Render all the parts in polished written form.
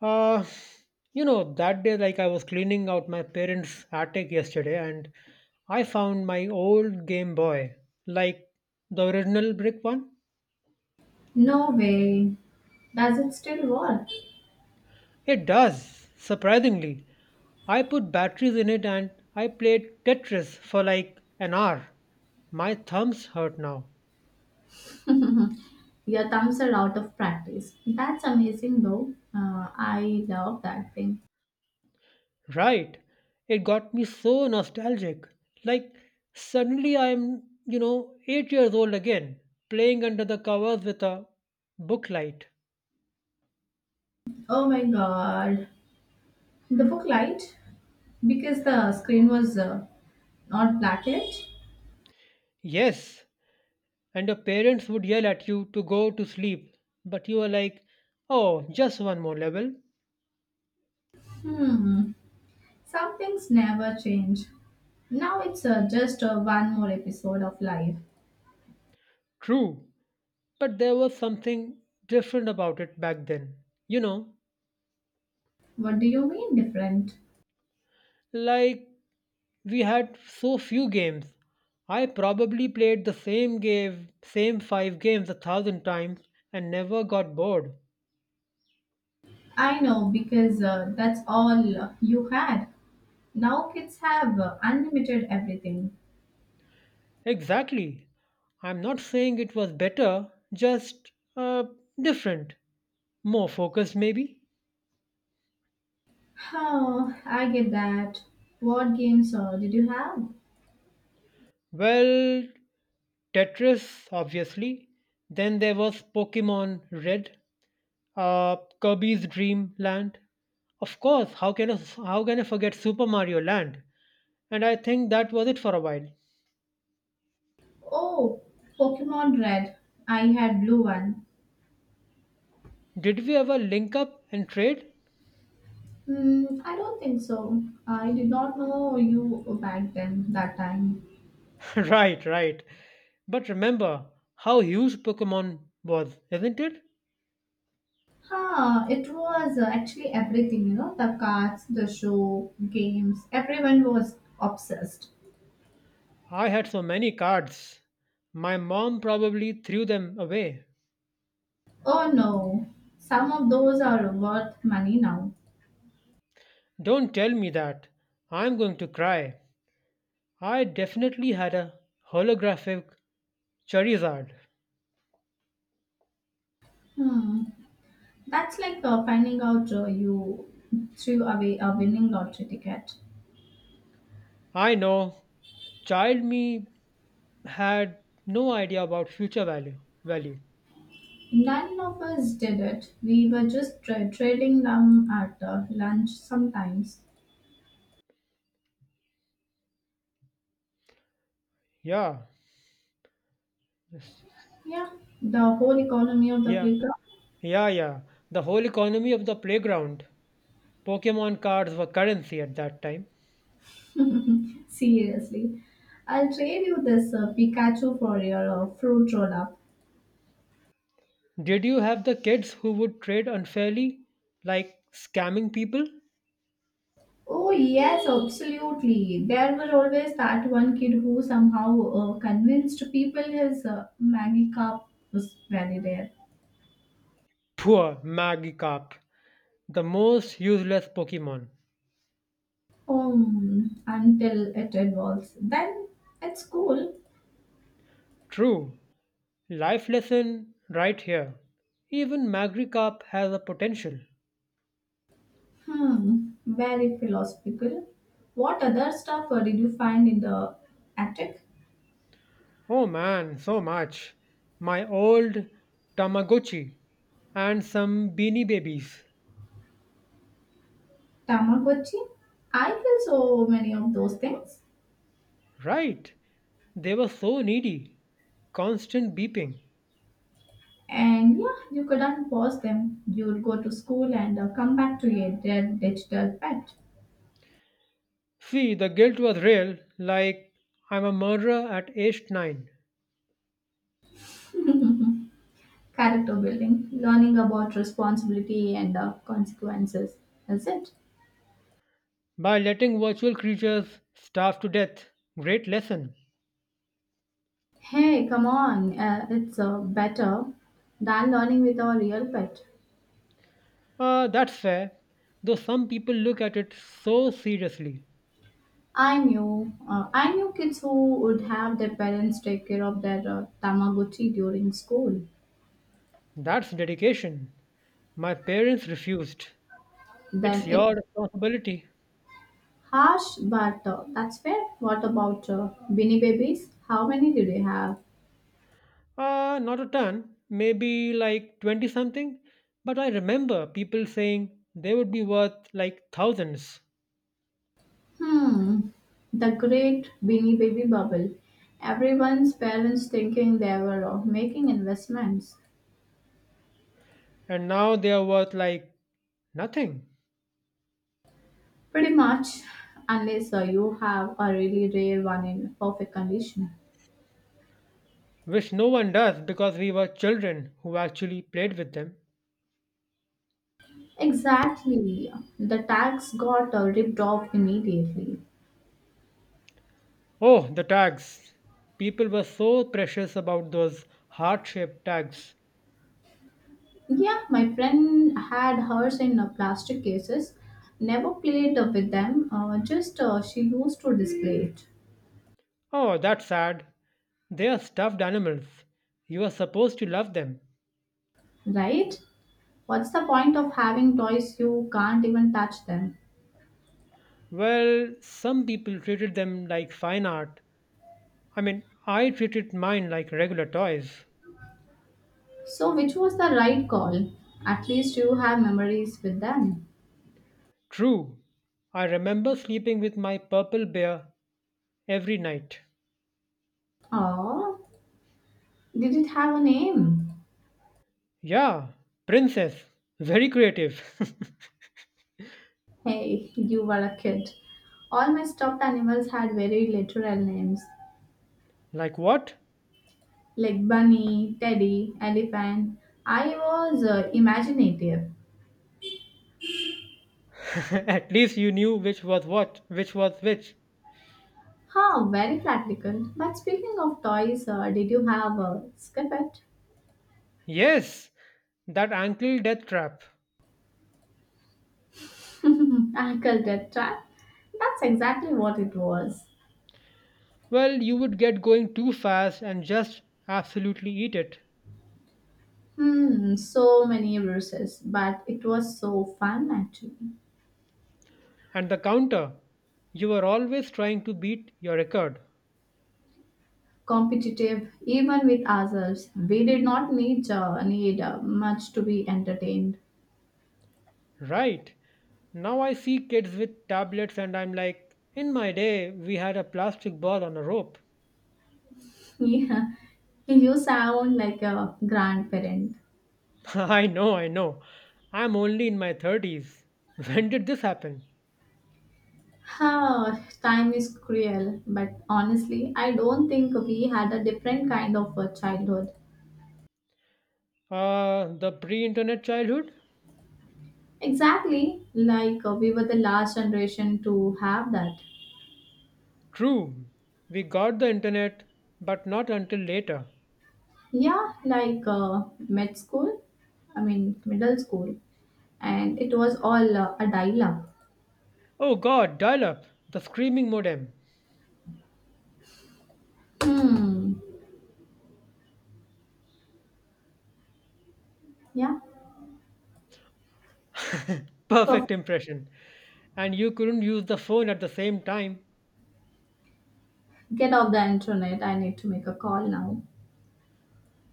Uh, that day, like I was cleaning out my parents' attic yesterday, and I found my old Game Boy, like the original brick one. No way. Does it still work? It does, surprisingly. I put batteries in it and I played Tetris for like an hour. My thumbs hurt now. Your thumbs are out of practice. That's amazing though. I love that thing. Right. It got me so nostalgic. Like, suddenly I'm, 8 years old again, playing under the covers with a booklight. Oh my god. The book light? Because the screen was not black yet? Yes, and your parents would yell at you to go to sleep, but you were like, oh, just one more level. Hmm. Some things never change. Now it's just one more episode of life. True, but there was something different about it back then. You know, What do you mean different? like we had so few games. I probably played the same five games a thousand times and never got bored. I know because that's all you had. Now kids have unlimited everything. Exactly. I'm not saying it was better, just different. More focused, maybe? Huh, I get that. What games did you have? Well, Tetris, obviously. Then there was Pokemon Red, Kirby's Dream Land. Of course, how can I forget Super Mario Land? And I think that was it for a while. Oh, Pokemon Red. I had blue one. Did we ever link up and trade? Hmm, I don't think so. I did not know you back then, that time. Right, right. But remember how huge Pokemon was, isn't it? Huh, it was actually everything, you know, the cards, the show, games. Everyone was obsessed. I had so many cards. My mom probably threw them away. Oh no, some of those are worth money now. Don't tell me that. I'm going to cry. I definitely had a holographic Charizard. Hmm, that's like finding out you threw away a winning lottery ticket. I know, child me had no idea about future value. None of us did it. We were just trailing down at lunch sometimes. Yeah. Yes. Yeah, the whole economy of the Yeah. Yeah, yeah. The whole economy of the playground. Pokemon cards were currency at that time. playground. Seriously. I'll trade you this Pikachu for your fruit roll up. Did you have the kids who would trade unfairly, like scamming people? Oh, yes, absolutely. There was always that one kid who somehow convinced people his Maggie cup was very rare. Poor Magikarp, the most useless Pokemon. Until it evolves. Then it's cool. True, life lesson right here. Even Magri Cup has a potential. Hmm, very philosophical. What other stuff did you find in the attic? Oh man, so much. My old Tamagotchi and some beanie babies. Tamagotchi? I feel so many of those things. Right, they were so needy. Constant beeping. And yeah, you couldn't pause them. You would go to school and come back to your dead digital pet. See, the guilt was real, like I'm a murderer at age 9. Character building, learning about responsibility and consequences. Is it? By letting virtual creatures starve to death. Great lesson. Hey, come on. It's better than learning with our real pet. That's fair, though some people look at it so seriously. I knew kids who would have their parents take care of their Tamagotchi during school. That's dedication. My parents refused. Then It's it's your responsibility. harsh, but that's fair. What about Beanie Babies? How many do they have? Not a ton, maybe like 20 something. But I remember people saying they would be worth like thousands. Hmm, the great Beanie Baby bubble. Everyone's parents thinking they were making investments. And now they are worth like nothing. Pretty much, unless you have a really rare one in perfect condition. Which no one does because we were children who actually played with them. Exactly. The tax got ripped off immediately. Oh, the tags. People were so precious about those heart shaped tags. Yeah, my friend had hers in plastic cases. Never played with them. Just she used to display it. Oh, that's sad. They are stuffed animals. You are supposed to love them. Right? What's the point of having toys you can't even touch them? Well, some people treated them like fine art. I mean, I treated mine like regular toys. So, which was the right call? At least you have memories with them. True. I remember sleeping with my purple bear every night. Oh, did it have a name? Yeah, princess. Very creative. Hey, you were a kid. All my stuffed animals had very literal names. like what? Like bunny, teddy, elephant. I was imaginative. At least you knew which was which. Huh, very practical. But speaking of toys, did you have a scuppet? Yes, that ankle death trap. I called trap. That's exactly what it was. Well, you would get going too fast and just absolutely eat it. Hmm, so many bruises, but it was so fun actually. And the counter, you were always trying to beat your record. Competitive, even with ourselves. We did not need much to be entertained. Right. Now I see kids with tablets and I'm like, in my day, we had a plastic ball on a rope. Yeah, you sound like a grandparent. I know, I know. I'm only in my 30s. When did this happen? Huh, time is cruel, but honestly, I don't think we had a different kind of a childhood. The pre internet childhood? Exactly, like we were the last generation to have that. True. We got the internet, but not until later. Yeah, like med school, I mean middle school, and it was all a dial-up. Oh god, dial up, the screaming modem. Hmm. Yeah. Perfect. Perfect impression. And you couldn't use the phone at the same time. Get off the internet. I need to make a call now.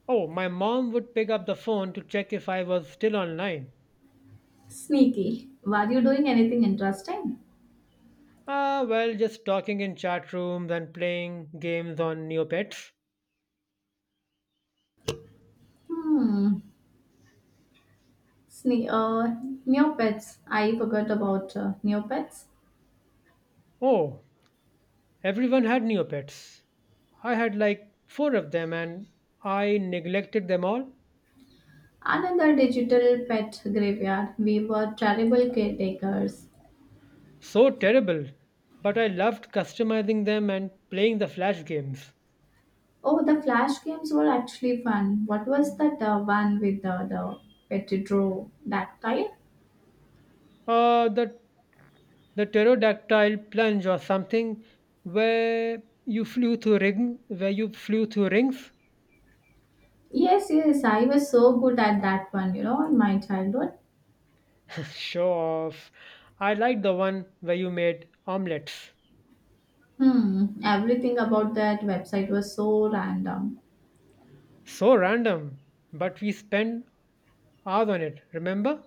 Oh, my mom would pick up the phone to check if I was still online. Sneaky. Were you doing anything interesting? Ah, well, just talking in chat rooms and playing games on Neopets. Hmm. Sne- uh, Neopets. I forgot about Neopets. Oh, everyone had Neopets. I had like four of them and I neglected them all. Another digital pet graveyard. We were terrible caretakers. So terrible. But I loved customizing them and playing the Flash games. Oh, the Flash games were actually fun. What was that one with the petrodactyle? Uh, the The pterodactyl plunge or something where you flew through rings? Yes, yes, I was so good at that one, you know, in my childhood. Show off. I like the one where you made omelets. Hmm, everything about that website was so random. So random, but we spent hours on it, remember?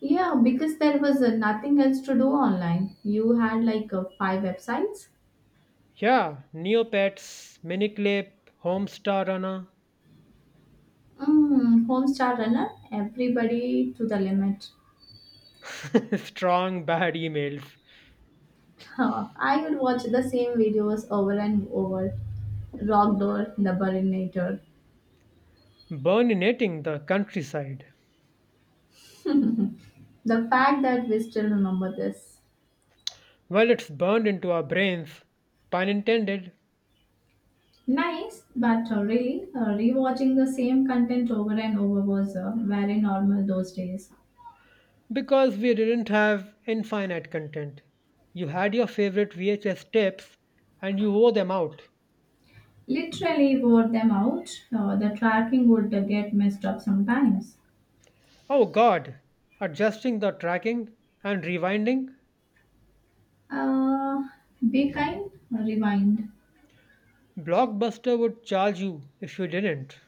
Yeah, because there was nothing else to do online. You had like five websites. Yeah, Neopets, Miniclip, Homestar Runner, Mm, Homestar Runner, everybody to the limit. strong bad emails. Huh, I would watch the same videos over and over. Rockdoor, The Burinator. Burninating the countryside. The fact that we still remember this. Well, it's burned into our brains, pun intended. Nice, but really, rewatching the same content over and over was very normal those days. Because we didn't have infinite content. You had your favorite VHS tapes and you wore them out. Literally wore them out. The tracking would get messed up sometimes. Oh god, adjusting the tracking and rewinding? Uh, be kind, rewind. Blockbuster would charge you if you didn't.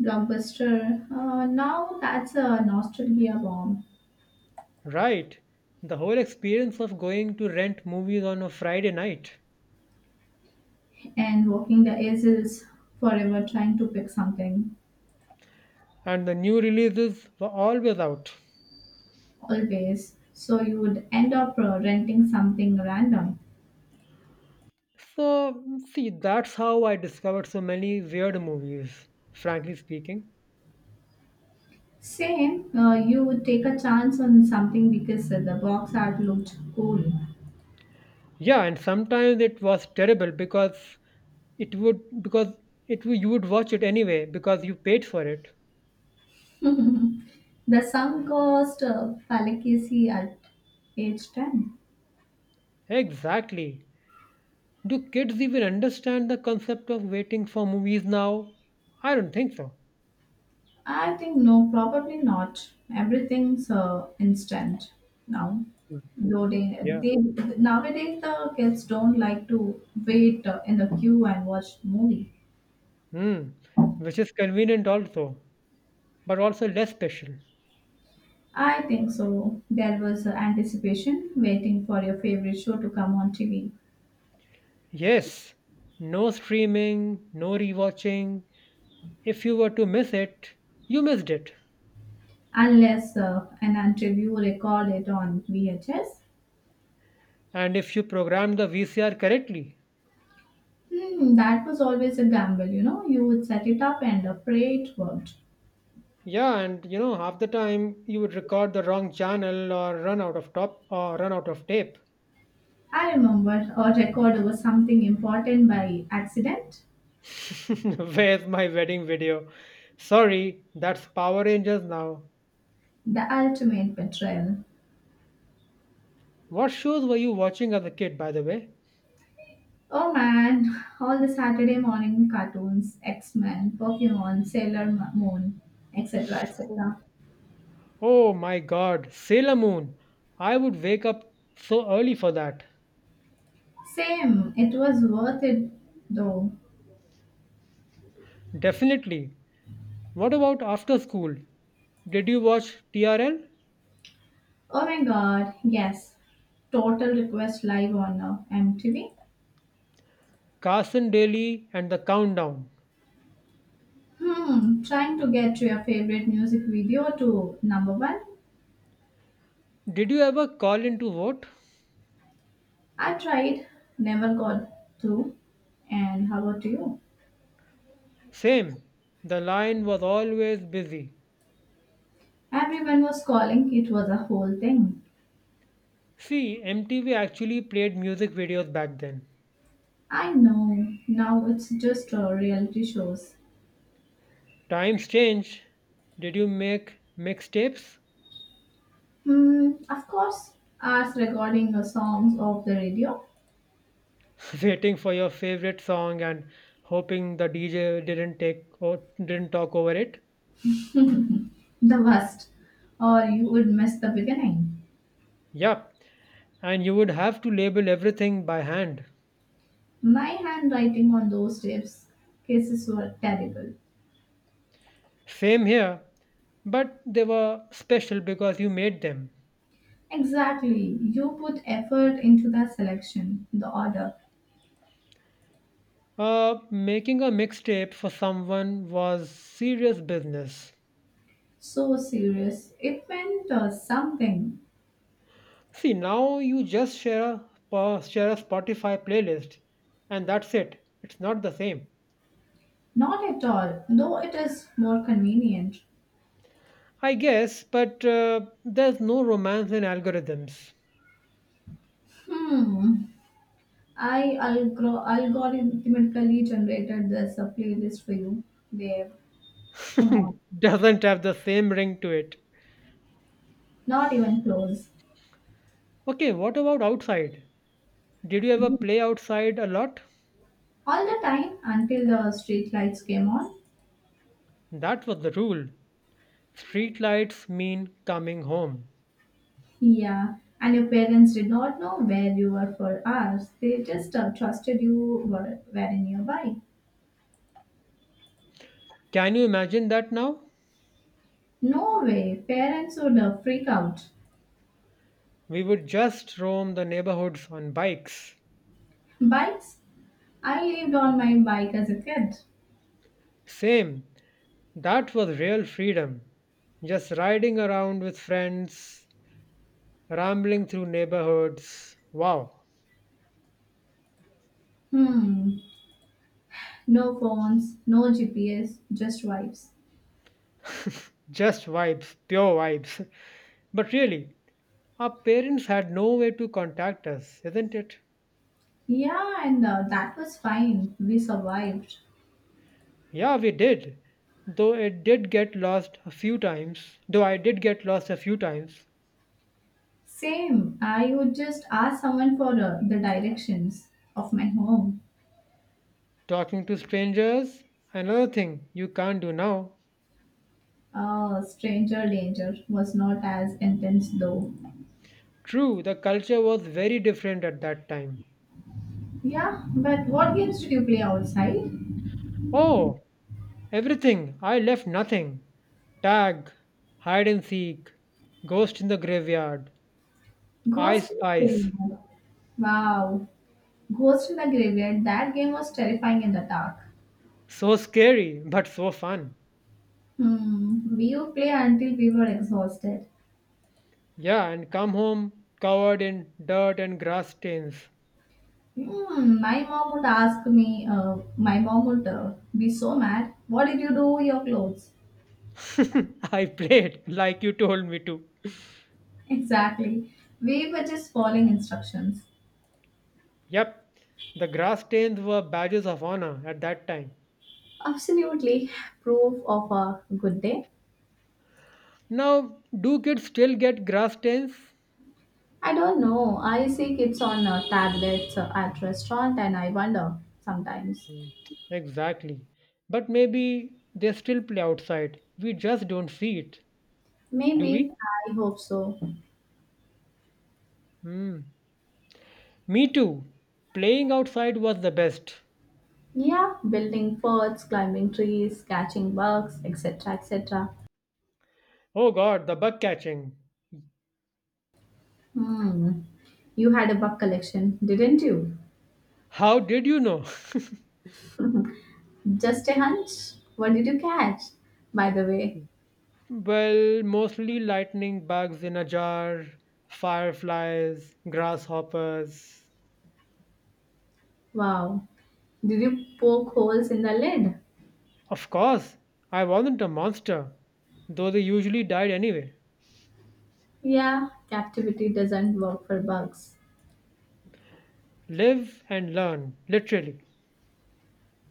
Blockbuster. Now that's a nostalgia bomb. Right, the whole experience of going to rent movies on a Friday night. And walking the aisles forever trying to pick something, And the new releases were always out. always. So you would end up renting something random. So, see, that's how I discovered so many weird movies, frankly speaking. Same, you would take a chance on something because the box art looked cool. Yeah, and sometimes it was terrible, it would because you would watch it anyway because you paid for it. The sunk cost fallacy at age 10. Exactly. Do kids even understand the concept of waiting for movies now? I don't think so. I think no, probably not. Everything's instant now. Though they, Yeah. they nowadays the kids don't like to wait in the queue and watch movie. hmm which is convenient also, but also less special. I think so. There was anticipation, waiting for your favorite show to come on TV, Yes. No streaming, no rewatching. If you were to miss it, you missed it. unless an until you record it on VHS. And if you programmed the VCR correctly. Hmm, that was always a gamble, you know. You would set it up and pray it worked. Yeah, and half the time you would record the wrong channel or run out of tape. I remember a record over something important by accident. Where's my wedding video? Sorry, that's Power Rangers now. The ultimate betrayal. What shows were you watching as a kid, by the way? Oh man, all the Saturday morning cartoons, X Men, Pokemon, Moon, etc. etc. Oh my god, Sailor Moon. I would wake up so early for that. Same, it was worth it though. Definitely. What about after school? Did you watch TRL? Oh my god, yes. Total Request Live on MTV. Carson Daly and the Countdown. Hmm, trying to get to your favorite music video to number one. Did you ever call in to vote? I tried, never got through. And how about you? Same, the line was always busy. Everyone was calling. It was a whole thing. See, MTV actually played music videos back then. I know. Now it's just reality shows. Times change. Did you make mixtapes? Hmm. Of course, us recording the songs of the radio. Waiting for your favorite song and hoping the DJ didn't take or didn't talk over it? The worst. Or you would miss the beginning. Yup, and you would have to label everything by hand. My handwriting on those tapes cases were terrible. Same here, but they were special because you made them. Exactly. You put effort into the selection, the order. Making a mixtape for someone was serious business. So serious. It meant something. See, now you just share a Spotify playlist, and that's it. It's not the same, Not at all, though it is more convenient. I guess. But there's no romance in algorithms. Hmm. Algorithmically generated this a playlist for you. There, come on, Doesn't have the same ring to it. not even close. Okay, what about outside? Did you ever play outside a lot? All the time until the street lights came on. That was the rule. Street lights mean coming home. Yeah, and your parents did not know where you were for hours. They just trusted you were very nearby. Can you imagine that now? No way, parents would freak out. We would just roam the neighborhoods on bikes. Bikes? I lived on my bike as a kid. Same. That was real freedom. Just riding around with friends, rambling through neighborhoods. Wow, Hmm, no phones, no GPS, just vibes. just vibes, pure vibes. But really, our parents had no way to contact us, isn't it? Yeah, and that was fine. We survived. Yeah, we did. Though I did get lost a few times. Same. I would just ask someone for the directions of my home. Talking to strangers, another thing you can't do now. Stranger danger was not as intense though. True, the culture was very different at that time. Yeah, but what games did you play outside? Oh, everything. I left nothing. Tag, hide and seek, ghost in the graveyard, I Ghost in the spice. Graveyard. Wow. Ghost in the Graveyard. That game was terrifying in the dark. So scary, but so fun. Hmm. We would play until we were exhausted. Yeah, and come home covered in dirt and grass stains. Hmm, my mom would ask me, my mom would be so mad. What did you do with your clothes? I played like you told me to. Exactly. We were just following instructions. Yep, the grass stains were badges of honor at that time. Absolutely proof of a good day. Now, do kids still get grass stains? I don't know. I see kids on tablets at restaurant and I wonder sometimes. Mm, exactly. But maybe they still play outside. We just don't see it. Do Maybe we? I hope so. Hmm. Me too. Playing outside was the best. Yeah, building forts, climbing trees, catching bugs, etc., etc. Oh god, the bug catching. Hmm. You had a bug collection, didn't you? How did you know? Just a hunch? What did you catch? By the way, Well, mostly lightning bugs in a jar, fireflies, grasshoppers. wow. Did you poke holes in the lid? Of course, I wasn't a monster, though they usually died anyway. Yeah, captivity doesn't work for bugs. Live and learn, literally.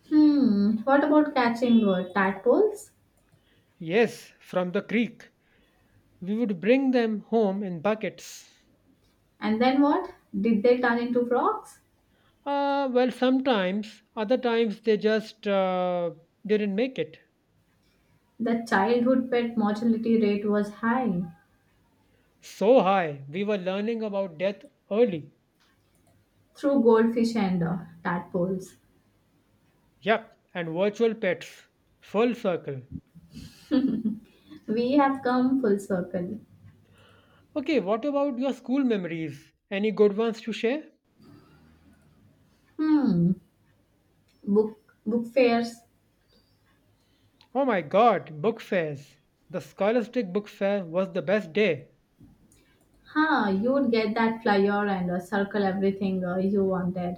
Hmm, what about catching tadpoles? Yes, from the creek. We would bring them home in buckets. And then what? Did they turn into frogs? Well, sometimes, other times they just didn't make it. The childhood pet mortality rate was high So high, we were learning about death early. through goldfish and tadpoles. Yep, and virtual pets. Full circle. We have come full circle. Okay, what about your school memories? Any good ones to share? Hmm, book book fairs. Oh my god, book fairs. The scholastic book fair was the best day. Huh, you would get that flyer and circle everything you wanted.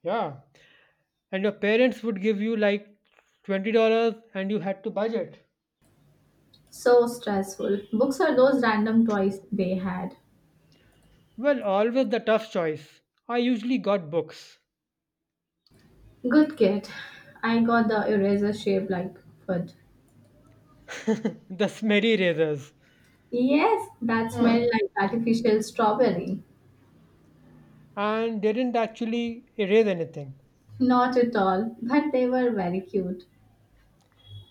Yeah, and your parents would give you like $20 and you had to budget. So stressful. Books are those random toys they had. Well, always the tough choice. I usually got books. Good kid. I got the eraser shaped like foot. The smerry erasers Yes, that smelled like artificial strawberry. and didn't actually erase anything. Not at all, but they were very cute.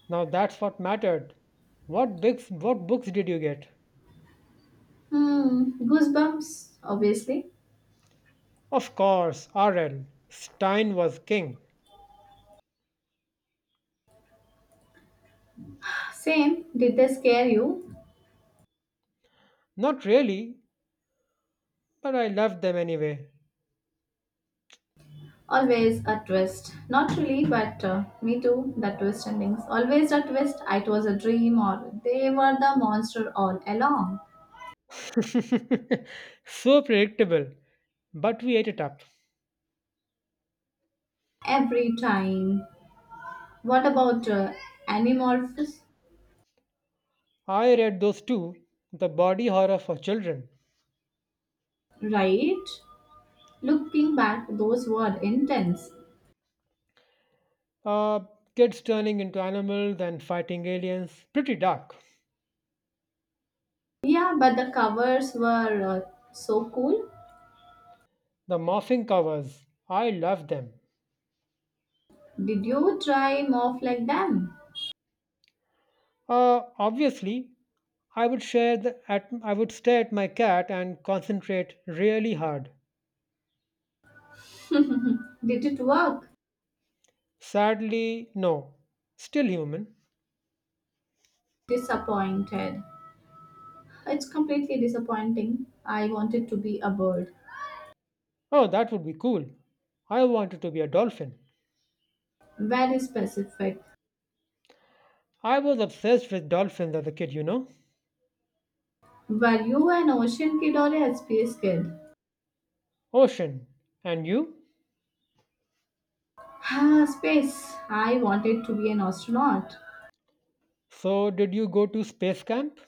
Now that's what mattered. What books did you get? Hmm, goosebumps, obviously. Of course, RL. Stein was king. Same. Did they scare you? Not really, but I loved them anyway. Always a twist. Not really, but me too. The twist endings. Always a twist. It was a dream, or they were the monster all along. So predictable, but we ate it up. Every time. What about Animorphous? I read those two The Body Horror for Children. Right? Looking back, those were intense. Uh, kids turning into animals and fighting aliens. Pretty dark. Yeah, but the covers were so cool. The morphing covers. I loved them. Did you try morph like them? Obviously, I would stare at my cat and concentrate really hard. Did it work? Sadly, no. Still human. Disappointed. It's completely disappointing. I wanted to be a bird. Oh, that would be cool. I wanted to be a dolphin. Very specific. I was obsessed with dolphins as a kid. Were you an ocean kid or a space kid? Ocean. And you? Ah, space. I wanted to be an astronaut. So, did you go to space camp?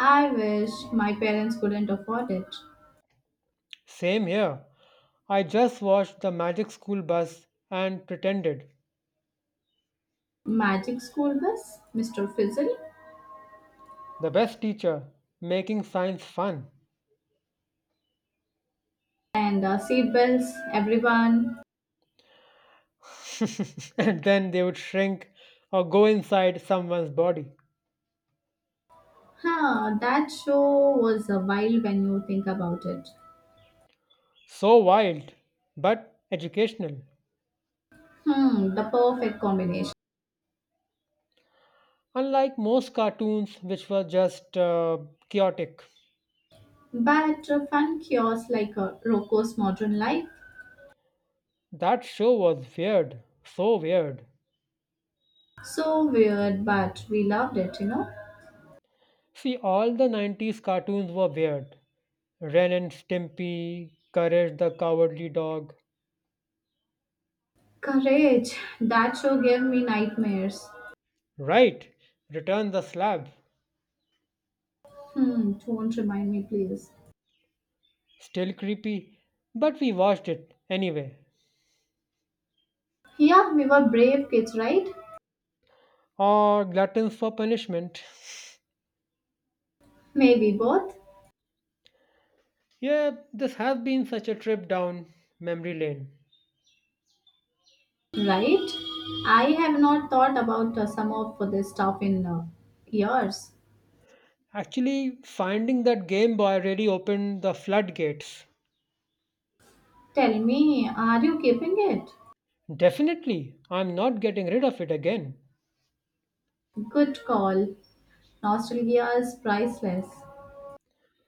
I wish my parents couldn't afford it. Same here. I just watched the magic school bus and pretended. Magic school bus, Mr. Fizzle, The best teacher, making science fun. and seatbelts, everyone. And then they would shrink or go inside someone's body. Huh, that show was a while when you think about it. So wild, but educational. Hmm, the perfect combination. Unlike most cartoons, which were just chaotic, But a fun kiosk like Rocco's modern life. that show was weird, so weird. So weird, but we loved it, you know. See, all the 90s cartoons were weird. Ren and Stimpy, Courage the Cowardly Dog. Courage. That show gave me nightmares. Right, Return the Slab. Hmm, don't remind me, please. Still creepy, but we watched it anyway. Yeah, we were brave kids, right? Or Gluttons for Punishment. Maybe both, Yeah, this has been such a trip down memory lane. right? I have not thought about some of this stuff in years. Actually, finding that Game Boy really opened the floodgates. Tell me, are you keeping it? Definitely, I'm not getting rid of it again. Good call. Nostalgia is priceless.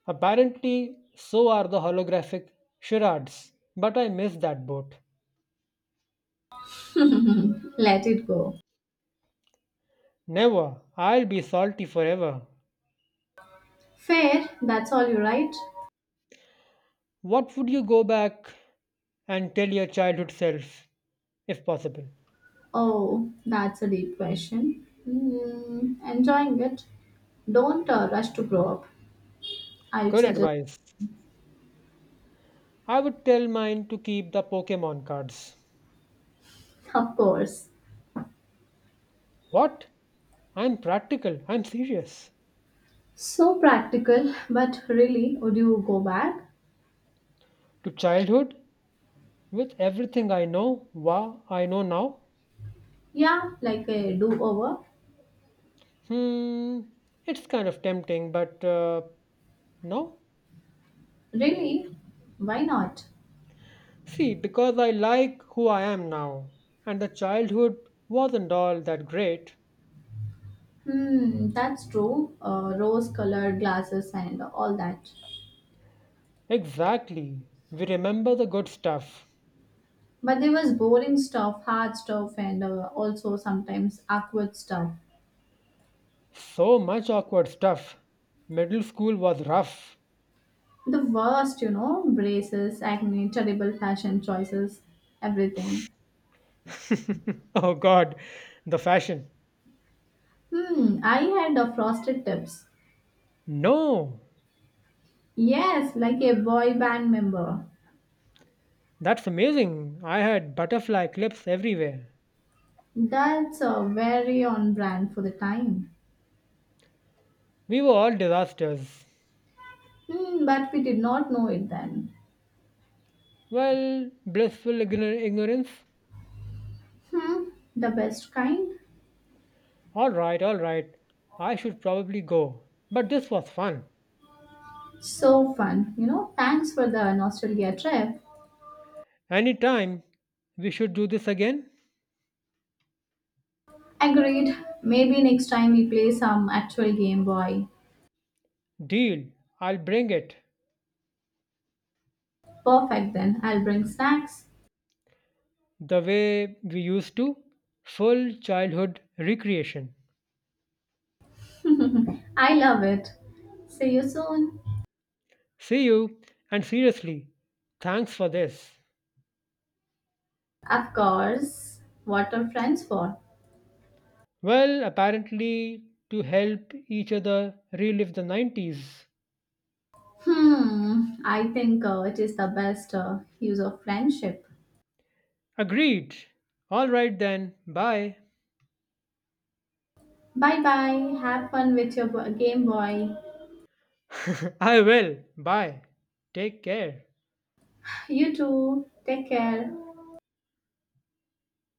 Apparently, so are the holographic charades, but I miss that boat. Let it go. Never, I'll be salty forever. Fair, that's all you write. What would you go back and tell your childhood self, if possible? Oh, that's a deep question. Hmm, enjoying it. Don't rush to grow up. I would Good suggest, advice. I would tell mine to keep the Pokemon cards. of course. What? I'm practical, I'm serious. So practical, but really, would you go back? To childhood, with everything I know now. Yeah, like a do over. Hmm, it's kind of tempting, but no. Really? Why not? See, because I like who I am now, and the childhood wasn't all that great. Hmm, that's true. Rose colored glasses and all that. Exactly. We remember the good stuff. But there was boring stuff, hard stuff, and also sometimes awkward stuff. So much awkward stuff. Middle school was rough. The worst, you know, braces, acne, terrible fashion choices, everything. Oh god, the fashion. Hmm, I had frosted tips. No, Yes, like a boy band member. that's amazing. I had butterfly clips everywhere. That's very on brand for the time. We were all disasters. Hmm, but we did not know it then. Well, blissful ignorance. Hmm, the best kind. All right, all right. I should probably go. But this was fun. So fun, you know. Thanks for the nostalgia trip. Anytime we should do this again. Agreed. Maybe next time we play some actual Game Boy. Deal. I'll bring it. Perfect then. I'll bring snacks. The way we used to. Full childhood recreation. I love it. See you soon. See you. And seriously, thanks for this. Of course. What are friends for? Well, apparently to help each other relive the 90s. Hmm, I think it is the best use of friendship. Agreed. All right then. Bye. Bye bye. Have fun with your Game Boy. I will. Bye. Take care. You too. Take care.